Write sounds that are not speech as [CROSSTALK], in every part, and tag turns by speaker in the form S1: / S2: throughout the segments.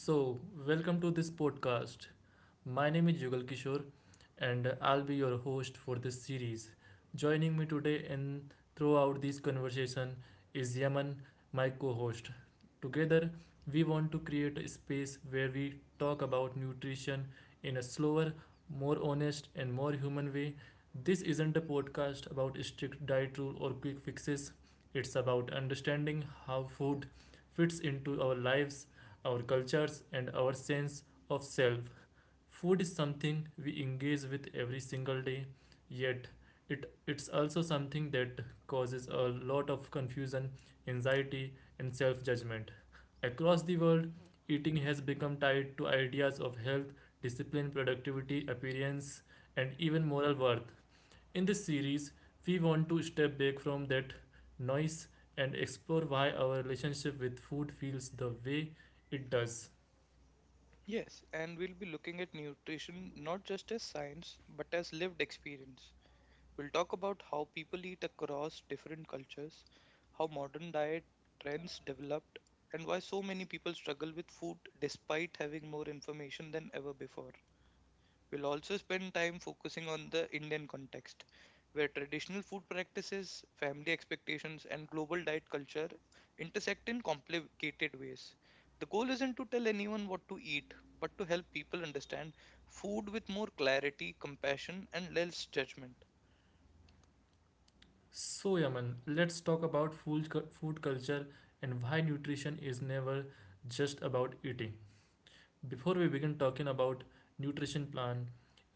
S1: So, welcome to this podcast. My name is Jugal Kishore and I'll be your host for this series. Joining me today and throughout this conversation is Yaman, my co-host. Together, we want to create a space where we talk about nutrition in a slower, more honest, and more human way. This isn't a podcast about strict diet rule or quick fixes. It's about understanding how food fits into our lives, our cultures, and our sense of self. Food is something we engage with every single day, yet it's also something that causes a lot of confusion, anxiety, and self judgment. Across the world, eating has become tied to ideas of health, discipline, productivity, appearance, and
S2: Mm-hmm.
S1: even moral worth. In this series, we want to step back from that noise and explore why our relationship with food feels the way it does.
S2: Yes, and we'll be looking at nutrition not just as science, but as lived experience. We'll talk about how people eat across different cultures, how modern diet trends developed, and why so many people struggle with food despite having more information than ever before. We'll also spend time focusing on the Indian context, where traditional food practices, family expectations, and global diet culture intersect in complicated ways. The goal isn't to tell anyone what to eat, but to help people understand food with more clarity, compassion, and less judgment.
S1: So, Yaman, let's talk about food, food culture and why nutrition is never just about eating. Before we begin talking about nutrition plan,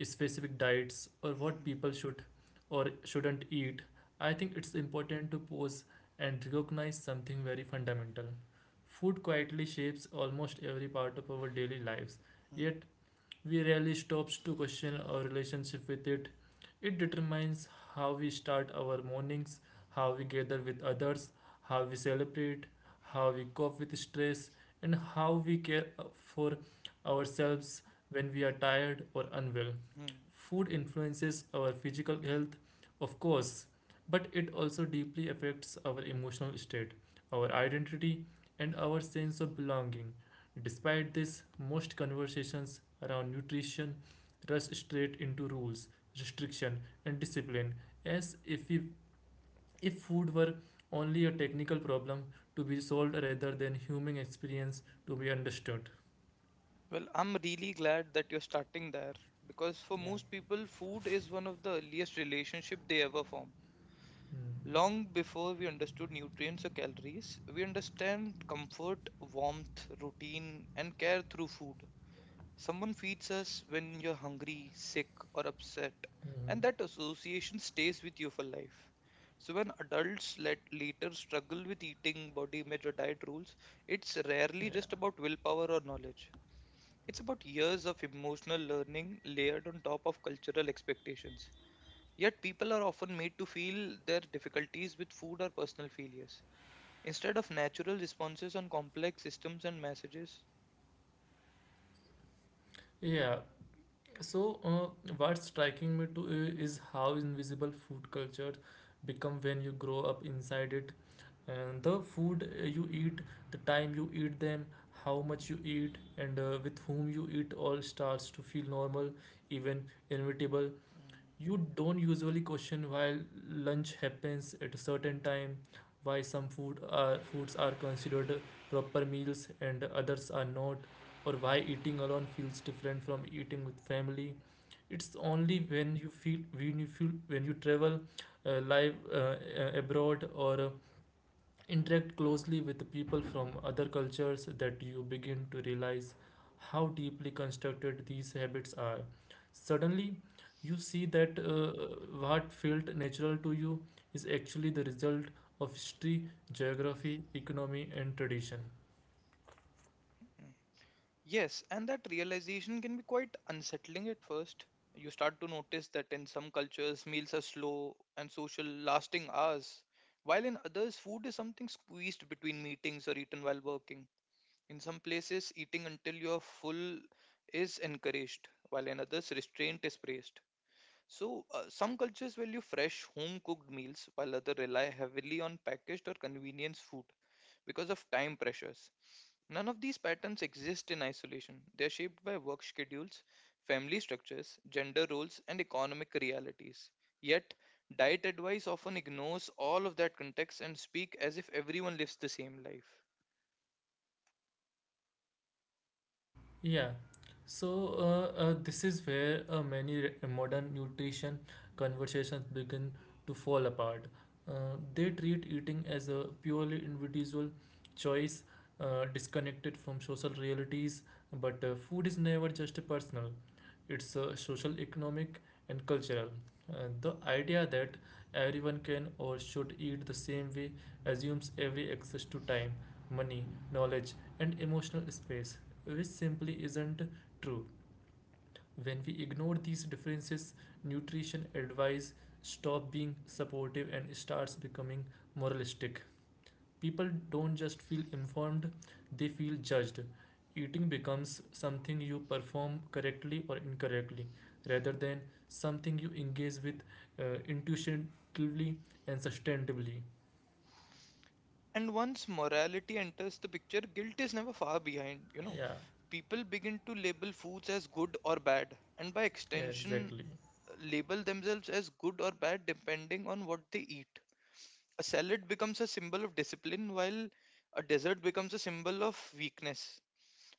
S1: specific diets or
S2: [LAUGHS]
S1: what
S2: Mhm.
S1: people should or shouldn't eat, I think it's important to pause and recognize something very fundamental. Food quietly shapes almost every part of our daily lives, yet we rarely stops to question our relationship with it. It determines how we start our mornings, how we gather with others, how we celebrate, how we cope with stress, and how we care for ourselves
S2: Mhm.
S1: when we are tired or unwell.
S2: Mhm.
S1: Food influences our physical health, of course, but it also deeply affects our emotional state, our identity, and our sense of belonging. Despite this, most conversations around nutrition rush straight into rules, restriction, and discipline, as if we, if food were only a technical problem to be solved rather than human experience to be understood.
S2: Well, I'm really glad that you're starting there, because for
S1: Yeah.
S2: most people, food is one of the earliest relationship they ever form. Long before we understood nutrients or calories, we understand comfort, warmth, routine, and care through food. Someone feeds us when you're hungry, sick, or upset,
S1: Mm-hmm.
S2: and that association stays with you for life. So, when adults later struggle with eating, body image, or diet rules, it's rarely just
S1: Yeah.
S2: about willpower or knowledge. It's about years of emotional learning layered on top of cultural expectations. Yet people are often made to feel their difficulties with food are personal failures instead of natural responses on complex systems and messages.
S1: Yeah. So, what's striking me to is how invisible food culture become when you grow up inside it, and the food you eat, the time you eat them, how much you eat and with whom you eat all starts to feel normal, even inevitable.
S2: Mm.
S1: You don't usually question why lunch happens at a certain time, why some food are foods are considered proper meals and others are not, or why eating alone feels different from eating with family. It's only
S2: Mm.
S1: when you feel when you feel when you travel live abroad or interact closely with people from other cultures that you begin to realize how deeply constructed these habits are. Suddenly, you see that what felt natural to you is actually the result of history, geography, economy, and tradition.
S2: Mm. Yes, and that realization can be quite unsettling at first. You start to notice that in some cultures, meals are slow and social, lasting hours, while in others, food is something squeezed between meetings or eaten while working. In some places, eating until you're full is encouraged, while in others, restraint is praised. So, some cultures value fresh, home cooked meals, while others rely heavily on packaged or convenience food because of time pressures. None of these patterns exist in isolation. They are shaped by work schedules, family structures, gender roles, and economic realities. Yet, diet advice often ignores all of that context and speaks as if everyone lives the same life.
S1: Yeah, so, this is where many modern nutrition conversations begin to fall apart. They treat eating as a purely individual choice, disconnected from social realities, but food is never just personal. It's social, economic, and cultural. The idea that everyone can or should eat the same way assumes every access to time, money, knowledge, and emotional space, which simply isn't true. When we ignore these differences, nutrition advice stop being supportive and starts becoming moralistic. People don't just feel informed, they feel judged. Eating becomes something you perform correctly or incorrectly rather than something you engage with intuitively and sustainably.
S2: And once morality enters the picture, guilt is never far behind,
S1: Yeah,
S2: People begin to label foods as good or bad, and by
S1: yeah,
S2: extension,
S1: exactly.
S2: label themselves as good or bad depending on what they eat. A salad becomes a symbol of discipline, while a dessert becomes a symbol of weakness.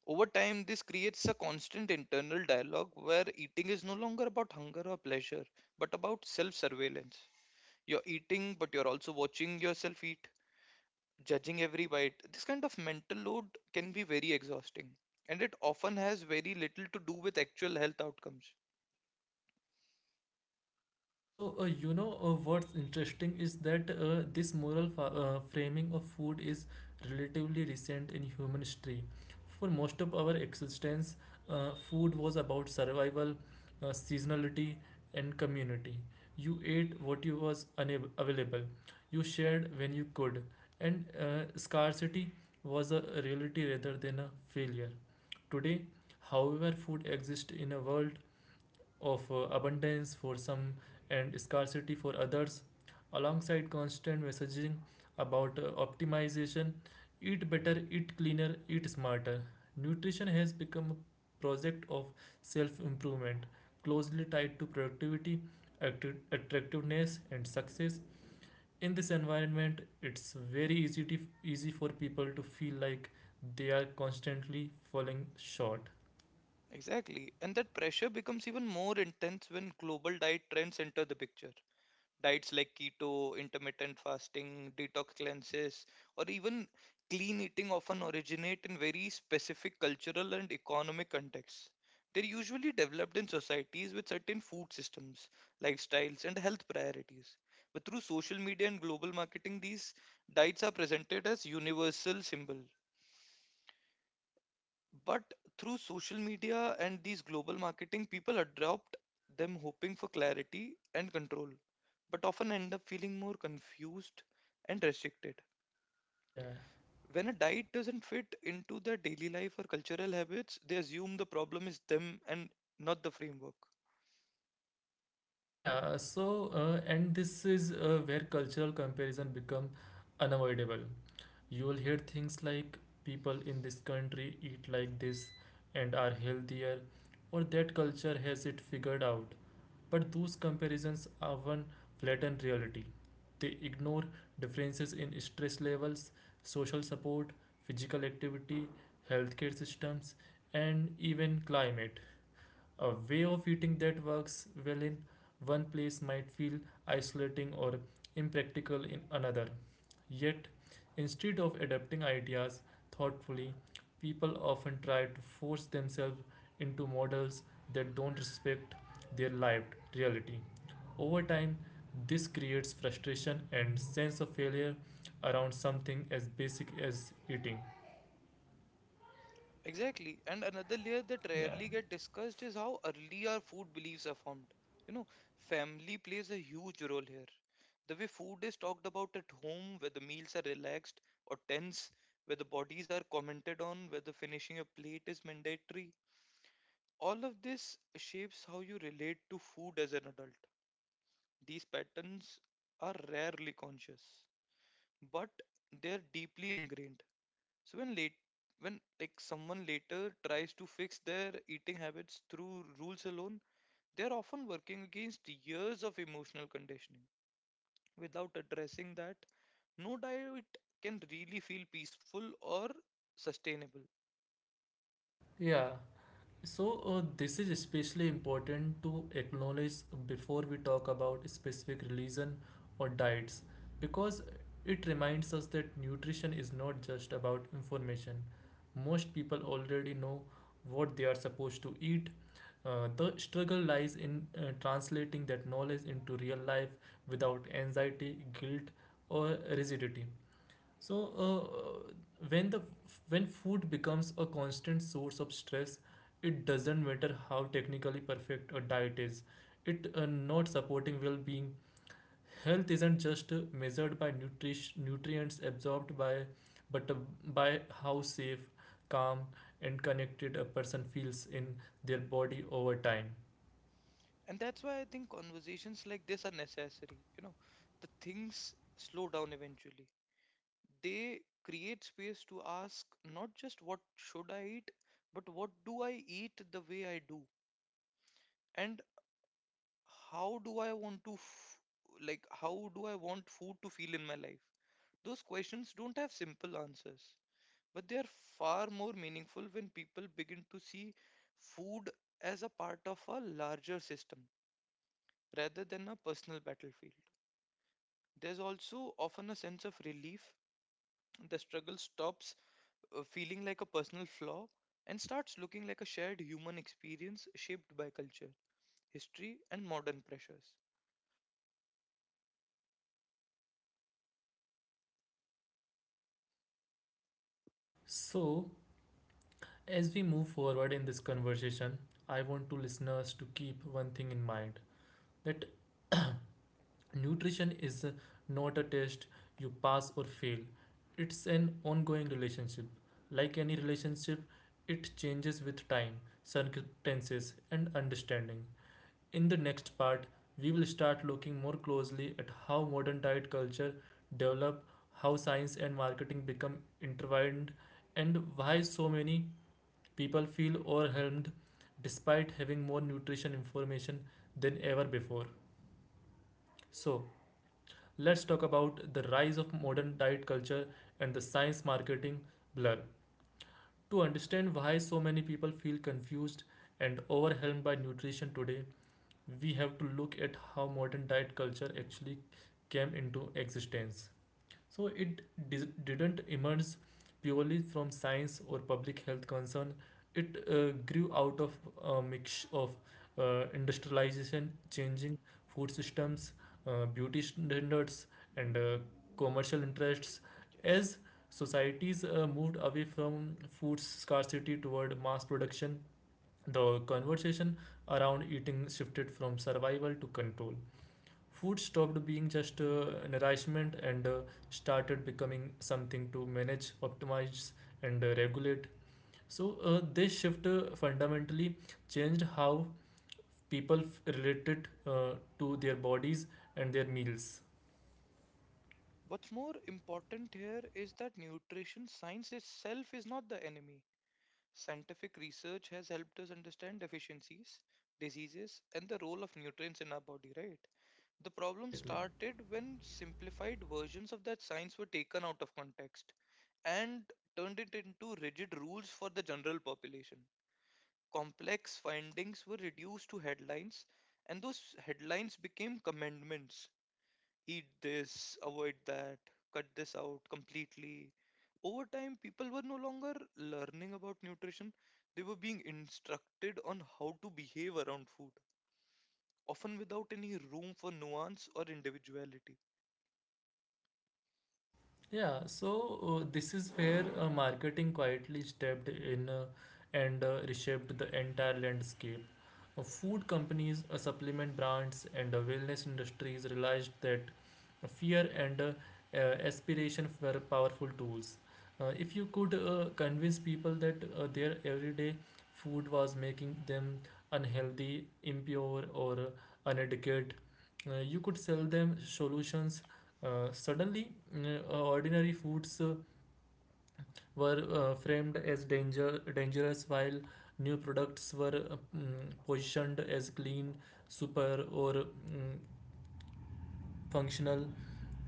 S2: Over time, this creates a constant internal dialogue where eating is no longer about hunger or pleasure, but about self surveillance. You're eating, but you're also watching yourself eat, judging every bite. This kind of mental load can be very exhausting, and it often has very little to do with actual health outcomes.
S1: So, what's interesting is that this moral framing of food is relatively recent in human history. For most of our existence, food was about survival, seasonality, and community. You ate what you was available, you shared when you could, and scarcity was a reality rather than a failure. Today, however, food exists in a world of abundance for some and scarcity for others, alongside constant messaging about optimization: eat better, eat cleaner, eat smarter. Nutrition has become a project of self improvement, closely tied to productivity, attractiveness, and success. In this environment, it's very easy for people to feel like they are constantly falling short.
S2: Exactly, and that pressure becomes even more intense when global diet trends enter the picture. Diets like keto, intermittent fasting, detox cleanses, or even clean eating often originate in very specific cultural and economic contexts. They're usually developed in societies with certain food systems, lifestyles, and health priorities. But through social media and global marketing, these diets are presented as universal symbols. But through social media and these global marketing, people adopt them hoping for clarity and control, but often end up feeling more confused and restricted.
S1: Yeah.
S2: When a diet doesn't fit into their daily life or cultural habits, they assume the problem is them and not the framework.
S1: Yeah, so, and this is where cultural comparison become unavoidable. You will hear things like people in this country eat like this and are healthier, or that culture has it figured out. But those comparisons often flatten reality. They ignore differences in stress levels, social support, physical activity, healthcare systems, and even climate. A way of eating that works well in one place might feel isolating or impractical in another. Yet, instead of adapting ideas thoughtfully, people often try to force themselves into models that don't respect their lived reality. Over time, this creates frustration and sense of failure around something as basic as eating.
S2: Exactly. And another layer that
S1: Yeah.
S2: rarely get discussed is how early our food beliefs are formed. You know, family plays a huge role here. The way food is talked about at home, where the meals are relaxed or tense, where the bodies are commented on, where the finishing a plate is mandatory. All of this shapes how you relate to food as an adult. These patterns are rarely conscious, but they're deeply ingrained. So when someone later tries to fix their eating habits through rules alone, they are often working against years of emotional conditioning. Without addressing that, no diet can really feel peaceful or sustainable.
S1: Yeah. So, this is especially important to acknowledge before we talk about specific religion or diets because it reminds us that nutrition is not just about information. Most people already know what they are supposed to eat. The struggle lies in translating that knowledge into real life without anxiety, guilt, or rigidity. So, uh, when the when food becomes a constant source of stress, it doesn't matter how technically perfect a diet is. It not supporting well-being. Health isn't just measured by nutrition nutrients absorbed by, but by how safe, calm, and connected a person feels in their body over time.
S2: And that's why I think conversations like this are necessary. You know, the things slow down eventually. They create space to ask not just what should I eat, but what do I eat the way I do? And how do I want to f- like how do I want food to feel in my life? Those questions don't have simple answers, but they are far more meaningful when people begin to see food as a part of a larger system rather than a personal battlefield. There's also often a sense of relief. The struggle stops feeling like a personal flaw and starts looking like a shared human experience shaped by culture, history, and modern pressures.
S1: So, as we move forward in this conversation, I want to listeners to keep one thing in mind that nutrition is not a test you pass or fail. It's an ongoing relationship. Like any relationship, it changes with time, circumstances, and understanding. In the next part, we will start looking more closely at how modern diet culture developed, how science and marketing become intertwined, and why so many people feel overwhelmed despite having more nutrition information than ever before. So, let's talk about the rise of modern diet culture and the science marketing blur. To understand why so many people feel confused and overwhelmed by nutrition today, we have to look at how modern diet culture actually came into existence. So it didn't emerge purely from science or public health concern. It grew out of a mix of industrialization, changing
S2: Hmm.
S1: food systems,
S2: Yep.
S1: beauty standards, and commercial interests.
S2: Yes.
S1: As societies moved away from food scarcity toward mass production, the conversation around eating shifted from survival to control. Food stopped being just nourishment and started becoming something to manage, optimize, and regulate. So, this shift fundamentally changed how people related to their bodies and their meals.
S2: What's more important here is that nutrition science itself is not the enemy. Scientific research has helped us understand deficiencies, diseases, and the role of nutrients in our body, right? The problem
S1: Exactly.
S2: started when simplified versions of that science were taken out of context and turned it into rigid rules for the general population. Complex findings were reduced to headlines, and those headlines became commandments: eat this, avoid that, cut this out completely. Over time, people were no longer learning about nutrition, they were being instructed on how to behave around food, often without any room for nuance or individuality.
S1: Yeah, so, this is where marketing quietly stepped in and reshaped the entire landscape. Food companies, supplement brands, and wellness industries realized that fear and uh, aspiration were powerful tools. If you could convince people that their everyday food was making them unhealthy, impure, or uneducated, you could sell them solutions. Suddenly, ordinary foods were framed as danger, dangerous, while new products were positioned as clean, super, or functional.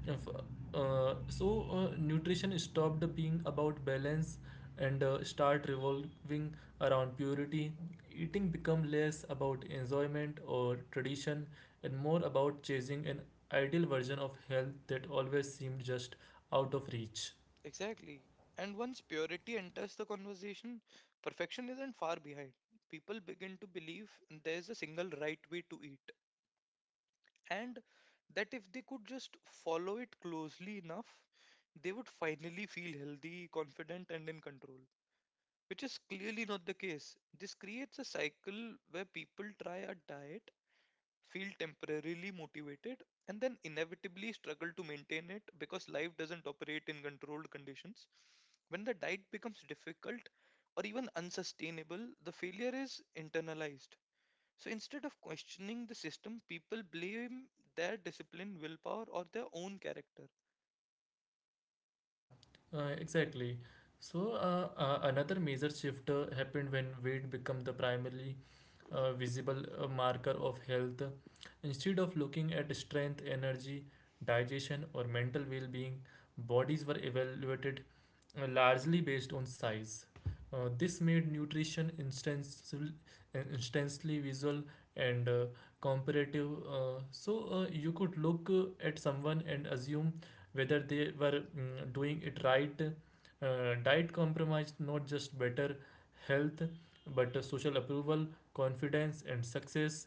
S1: If, so nutrition stopped being about balance and start revolving around purity. Eating become less about enjoyment or tradition and more about chasing an ideal version of health that always seemed just out of reach.
S2: Exactly. And once purity enters the conversation, perfection isn't far behind. People begin to believe there's a single right way to eat, and that if they could just follow it closely enough, they would finally feel healthy, confident, and in control, which is clearly not the case. This creates a cycle where people try a diet, feel temporarily motivated, and then inevitably struggle to maintain it because life doesn't operate in controlled conditions. When the diet becomes difficult or even unsustainable, the failure is internalized, so instead of questioning the system, people blame their discipline, willpower, or their own character.
S1: Yeah, exactly. Another major shift happened when weight became the primary visible marker of health. Instead of looking at strength, energy, digestion, or mental well being, bodies were evaluated largely based on size. This made nutrition instantly visual and comparative. So, you could look at someone and assume whether they were doing it right. Diet compromised not just better health but social approval, confidence, and success.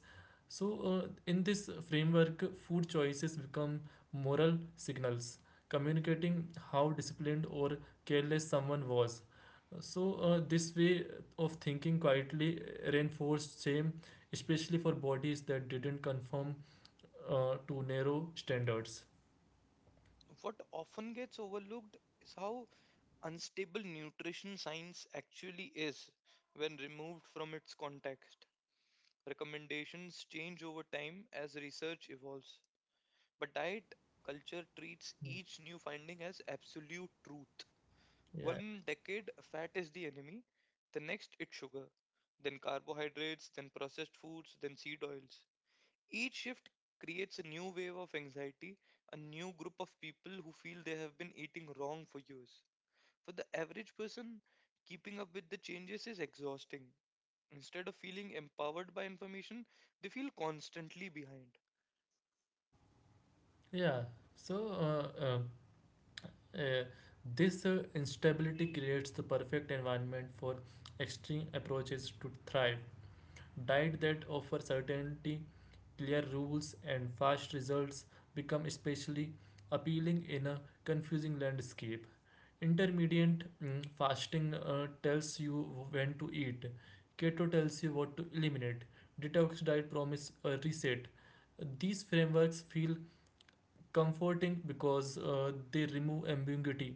S1: So, in this framework, food choices become moral signals communicating how disciplined or careless someone was. So, this way of thinking quietly reinforced shame, especially for bodies that didn't conform to narrow standards.
S2: What often gets overlooked is how unstable nutrition science actually is when removed from its context. Recommendations change over time as research evolves, but diet culture treats each new finding as absolute truth.
S1: Yeah,
S2: One decade, fat is the enemy, the next, it's sugar, then carbohydrates, then processed foods, then seed oils. Each shift creates a new wave of anxiety, a new group of people who feel they have been eating wrong for years. For the average person, keeping up with the changes is exhausting. Instead of feeling empowered by information, they feel constantly behind.
S1: yeah. So, uh, uh, this instability creates the perfect environment for extreme approaches to thrive. Diet that offer certainty, clear rules, and fast results become especially appealing in a confusing landscape. Intermediate fasting tells you when to eat. Keto tells you what to eliminate. Detox diet promise a reset. These frameworks feel comforting because they remove ambiguity.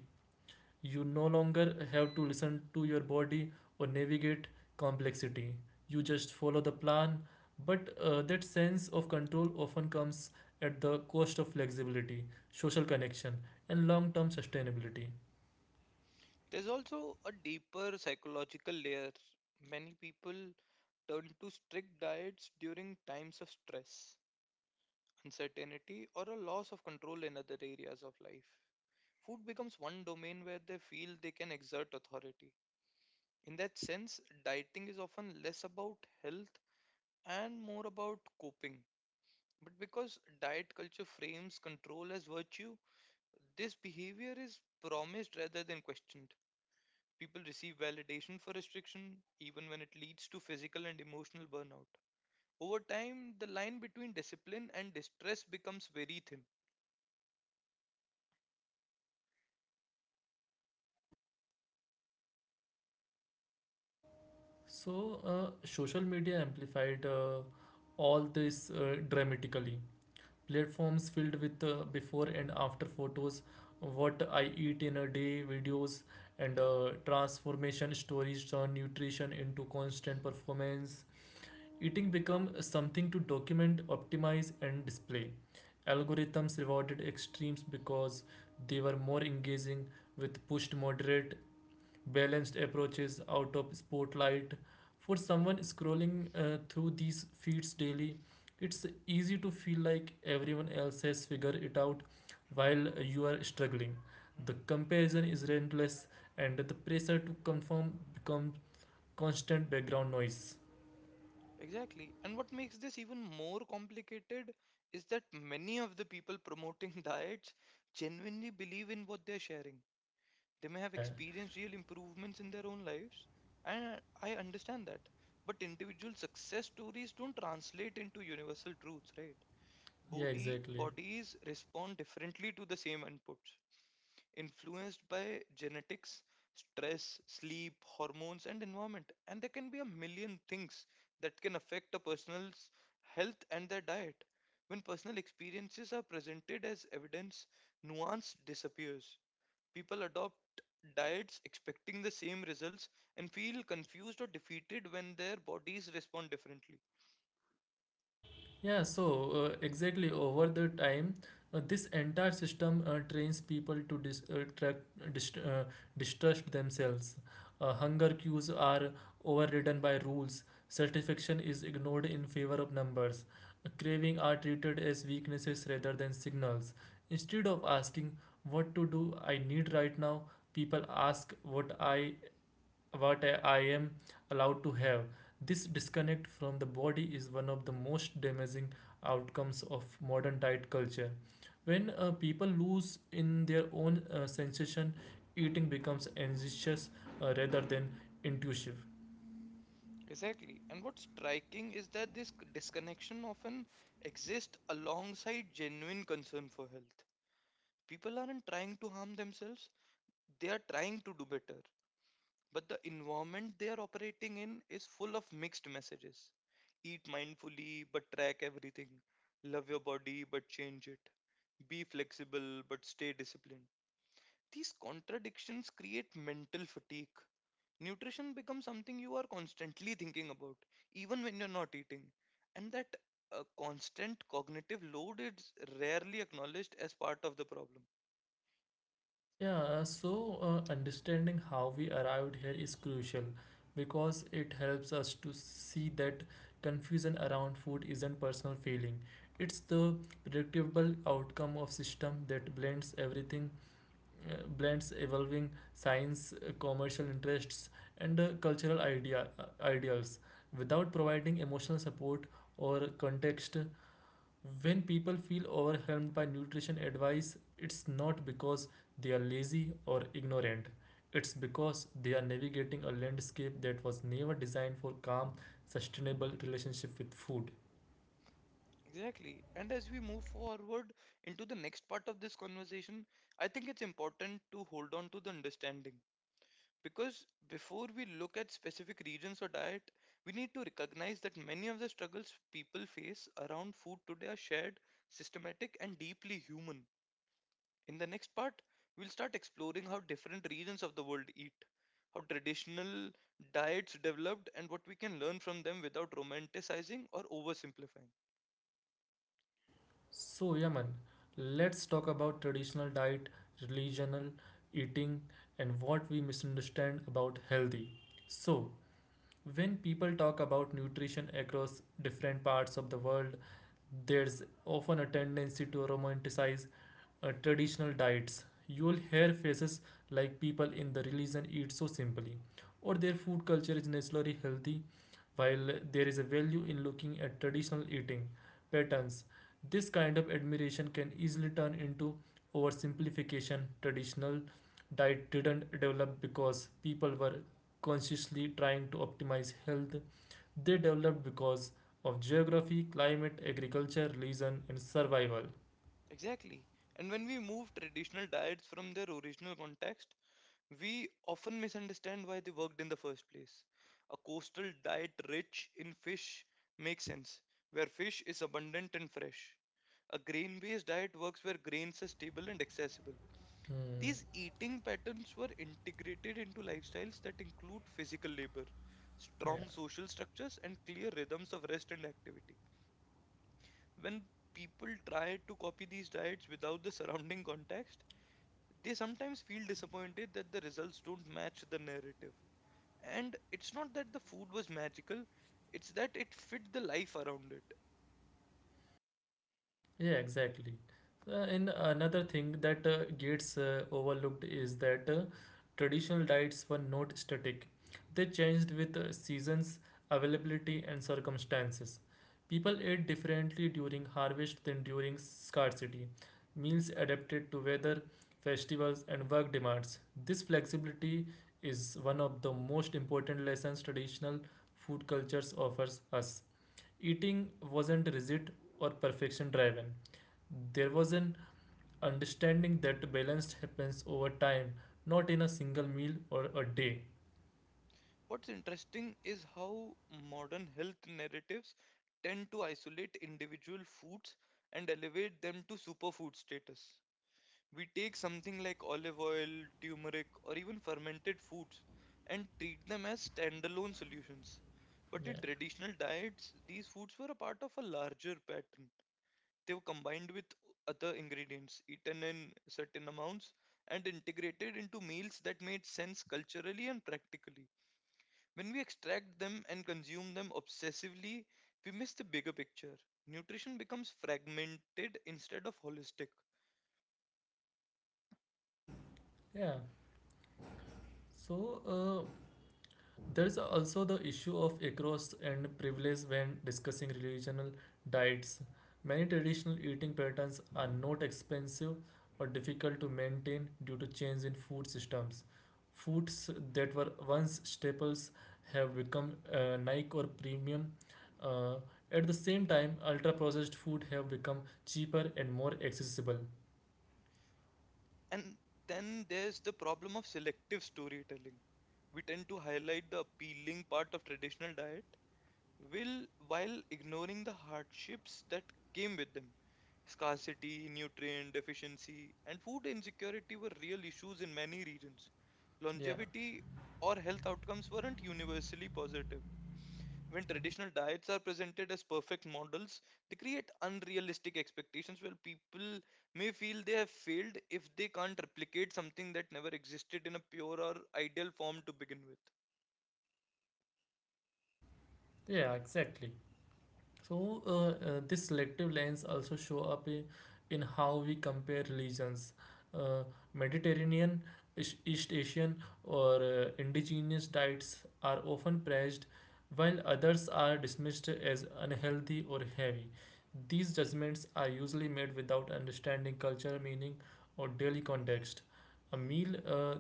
S1: You no longer have to listen to your body or navigate complexity. You just follow the plan, but that sense of control often comes at the cost of flexibility, social connection, and long term sustainability.
S2: There's also a deeper psychological layer. Many people turn to strict diets during times of stress, uncertainty, or a loss of control in other areas of life. Food becomes one domain where they feel they can exert authority. In that sense, dieting is often less about health and more about coping. But because diet culture frames control as virtue, this behavior is promised rather than questioned. People receive validation for restriction, even when it leads to physical and emotional burnout. Over time, the line between discipline and distress becomes very thin.
S1: So, social media amplified all this dramatically. Platforms filled with before and after photos, what I eat in a day, videos, and
S2: Yeah.
S1: transformation stories turn nutrition into constant performance.
S2: Mm.
S1: Eating become something to document, optimize, and display. Algorithms rewarded extremes because they were more engaging with pushed moderate balanced approaches out of spotlight. For
S2: Mm.
S1: someone scrolling through these feeds daily,
S2: Mm.
S1: it's easy to feel like everyone else has figured it out while you are struggling. The
S2: Mm.
S1: comparison is relentless, and the pressure to conform becomes constant background noise.
S2: Exactly. And what makes this even more complicated is that many of the people promoting [LAUGHS] diets genuinely believe in what they're sharing. They may have
S1: Yeah,
S2: experienced real improvements in their own lives, and I understand that. But individual success stories don't translate into universal truths, right?
S1: yeah,
S2: Body
S1: exactly.
S2: Bodies respond differently to the same inputs, influenced by genetics, stress, sleep, hormones, and environment. And there can be a million things that can affect a person's health and their diet. When personal experiences are presented as evidence, nuance disappears. People adopt diets expecting the same results and feel confused or defeated when their bodies respond differently.
S1: Yeah, so exactly over the time, this entire system trains people to track, dist- uh, distrust themselves. Hunger cues are overridden by rules. Satisfaction is ignored in favor of numbers. Craving are treated as weaknesses rather than signals. Instead of asking what to do I need right now, people ask what I am allowed to have. This disconnect from the body is one of the most damaging outcomes of modern diet culture. When people lose in their own sensation, eating becomes anxious rather than intuitive.
S2: Exactly. And what's striking is that this disconnection often exists alongside genuine concern for health. People aren't trying to harm themselves, they are trying to do better, but the environment they are operating in is full of mixed messages: eat mindfully but track everything, love your body but change it, be flexible but stay disciplined. These contradictions create mental fatigue. Nutrition becomes something you are constantly thinking about even when you're not eating, and that constant cognitive load is rarely acknowledged as part of the problem.
S1: Yeah, uh, so understanding how we arrived here is crucial because it helps us to see that confusion around food isn't personal feeling. It's the predictable outcome of system that blends everything, blends evolving science, commercial interests, and uh, cultural ideals without providing emotional support or context. When people feel overwhelmed by nutrition advice, it's not because they are lazy or ignorant. It's because they are navigating a landscape that was never designed for calm, sustainable relationship with food.
S2: Exactly. And as we move forward into the next part of this conversation, I think it's important to hold on to the understanding. Because before we look at specific regions or diet, we need to recognize that many of the struggles people face around food today are shared, systematic, and deeply human. In the next part, we'll start exploring how different regions of the world eat, how traditional diets developed, and what we can learn from them without romanticizing or oversimplifying.
S1: So, Yaman, let's talk about traditional diet, religional eating, and what we misunderstand about healthy. So, when people talk about nutrition across different parts of the world, there's often a tendency to romanticize traditional diets. You will hear phrases like people in the religion eat so simply, or their food culture is naturally healthy, while there is a value in looking at traditional eating patterns. This kind of admiration can easily turn into oversimplification. Traditional diet didn't develop because people were consciously trying to optimize health, they developed because of geography, climate, agriculture, religion, and survival.
S2: Exactly. And when we move traditional diets from their original context, we often misunderstand why they worked in the first place. A coastal diet rich in fish makes sense, where fish is abundant and fresh. A grain based diet works where grains are stable and accessible.
S1: Hmm.
S2: These eating patterns were integrated into lifestyles that include physical labor,
S1: Yeah.
S2: strong social structures, and clear rhythms of rest and activity. When people try to copy these diets without the surrounding context, they sometimes feel disappointed that the results don't match the narrative. And it's not that the food was magical, it's that it fit the life around it.
S1: Yeah, exactly. And another thing that gets overlooked is that traditional diets were not static. They changed with seasons, availability, and circumstances. People ate differently during harvest than during scarcity. Meals adapted to weather, festivals, and work demands. This flexibility is one of the most important lessons traditional food cultures offers us. Eating wasn't rigid or perfection driven. There was an understanding that balance happens over time, not in a single meal or a day.
S2: What's interesting is how modern health narratives tend to isolate individual foods and elevate them to superfood status. We take something like olive oil, turmeric, or even fermented foods and treat them as standalone solutions. But in
S1: Yeah,
S2: traditional diets, these foods were a part of a larger pattern. They were combined with other ingredients, eaten in certain amounts, and integrated into meals that made sense culturally and practically. When we extract them and consume them obsessively, we miss the bigger picture. Nutrition becomes fragmented instead of holistic.
S1: yeah. So uh, There is also the issue of across and privilege when discussing regional diets. Many traditional eating patterns are not expensive or difficult to maintain due to change in food systems. Foods that were once staples have become niche or premium. Uh, at the same time, ultra processed food have become cheaper and more accessible.
S2: And then there's the problem of selective storytelling. We tend to highlight the appealing part of traditional diet will, while ignoring the hardships that came with them. Scarcity, nutrient deficiency, and food insecurity were real issues in many regions.
S1: Yeah,
S2: Longevity or health outcomes weren't universally positive. When traditional diets are presented as perfect models, they create unrealistic expectations where people may feel they have failed if they can't replicate something that never existed in a pure or ideal form to begin with.
S1: yeah, exactly. So uh, this selective lens also show up in how we compare religions. Uh, Mediterranean, East Asian, or indigenous diets are often praised, while others are dismissed as unhealthy or heavy. These judgments are usually made without understanding cultural meaning or daily context. A meal uh,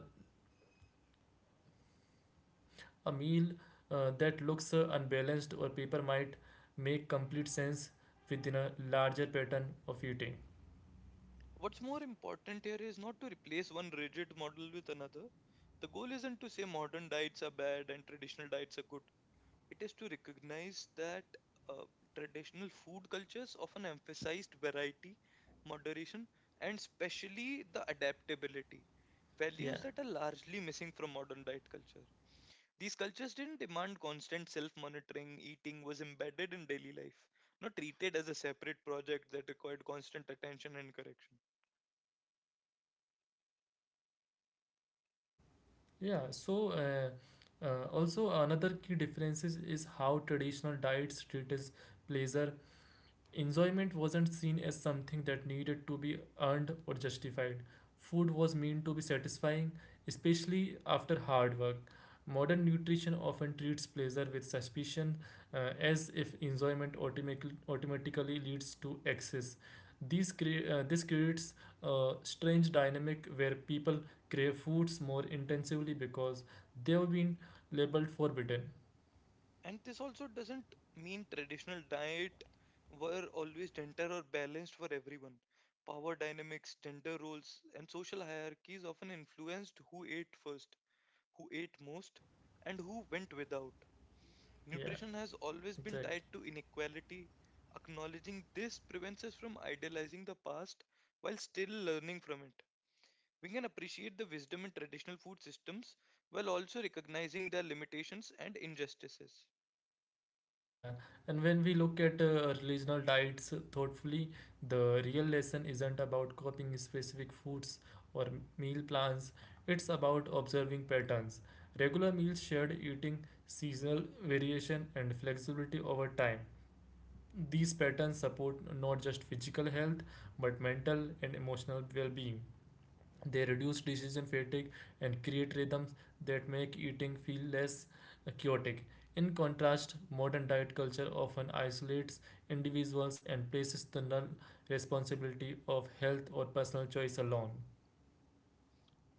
S1: a meal that looks unbalanced or paper might make complete sense within a larger pattern of eating.
S2: What's more important here is not to replace one rigid model with another. The goal isn't to say modern diets are bad and traditional diets are good. It is to recognize that uh, traditional food cultures often emphasized variety, moderation, and especially the adaptability,
S1: Yeah,
S2: values that are largely missing from modern diet culture. These cultures didn't demand constant self monitoring, eating was embedded in daily life, not treated as a separate project that required constant attention and correction.
S1: yeah. Also another key difference is how traditional diets treats pleasure. Enjoyment wasn't seen as something that needed to be earned or justified. Food was meant to be satisfying, especially after hard work. Modern nutrition often treats pleasure with suspicion, as if enjoyment automatic- automatically leads to excess. This creates a strange dynamic where people crave foods more intensively because they've been labeled forbidden.
S2: And this also doesn't mean traditional diet were always gentle or balanced for everyone. Power dynamics, gender roles, and social hierarchies often influenced who ate first, who ate most, and who went without.
S1: Yeah,
S2: Nutrition has always been
S1: exactly.
S2: tied to inequality. Acknowledging this prevents us from idealizing the past while still learning from it. We can appreciate the wisdom in traditional food systems while also recognizing their limitations and injustices.
S1: Yeah, and when we look at regional diets thoughtfully, the real lesson isn't about copying specific foods or meal plans, it's about observing patterns. Regular meals, shared eating, seasonal variation, and flexibility over time. These patterns support not just physical health but mental and emotional well being. They reduce decision fatigue and create rhythms that make eating feel less chaotic. In contrast, modern diet culture often isolates individuals and places the null responsibility of health or personal choice alone.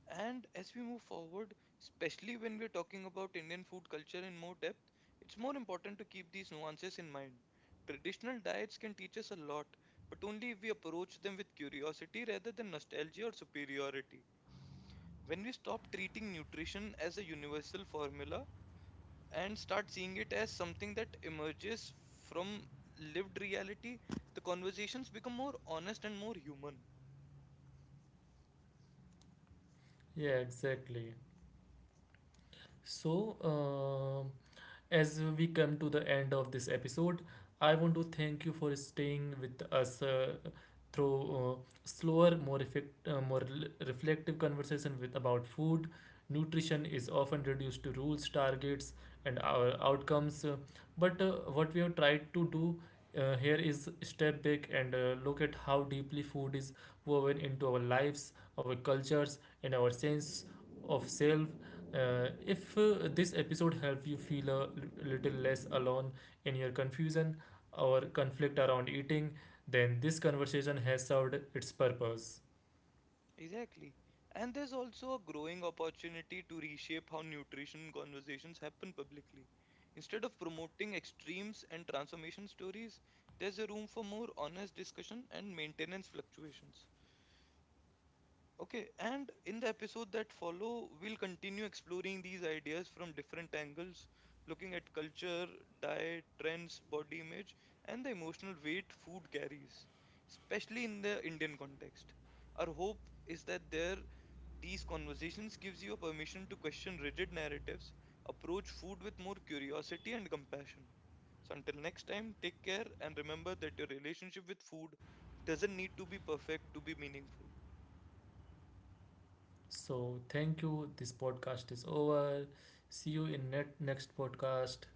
S2: And as we move forward, especially when we're talking about Indian food culture in more depth, it's more important to keep these nuances in mind. Traditional diets can teach us a lot, but only if we approach them with curiosity rather than nostalgia or superiority. When we stop treating nutrition as a universal formula and start seeing it as something that emerges from lived reality, the conversations become more honest and more human.
S1: Yeah, exactly. So, as we come to the end of this episode, I want to thank you for staying with us through slower, more effect, more reflective conversation with about food. Nutrition is often reduced to rules, targets, and our outcomes. But what we have tried to do here is step back and look at how deeply food is woven into our lives, our cultures, and our sense of self. If this episode helped you feel little less alone in your confusion or conflict around eating, then this conversation has served its purpose.
S2: Exactly. And there's also a growing opportunity to reshape how nutrition conversations happen publicly. Instead of promoting extremes and transformation stories, there's a room for more honest discussion and maintenance fluctuations. Okay, and in the episode that follow, we'll continue exploring these ideas from different angles, looking at culture, diet, trends, body image, and the emotional weight food carries, especially in the Indian context. Our hope is that there these conversations gives you a permission to question rigid narratives, approach food with more curiosity and compassion. So until next time, take care and remember that your relationship with food doesn't need to be perfect to be meaningful.
S1: So, thank you. This podcast is over. See you in next podcast.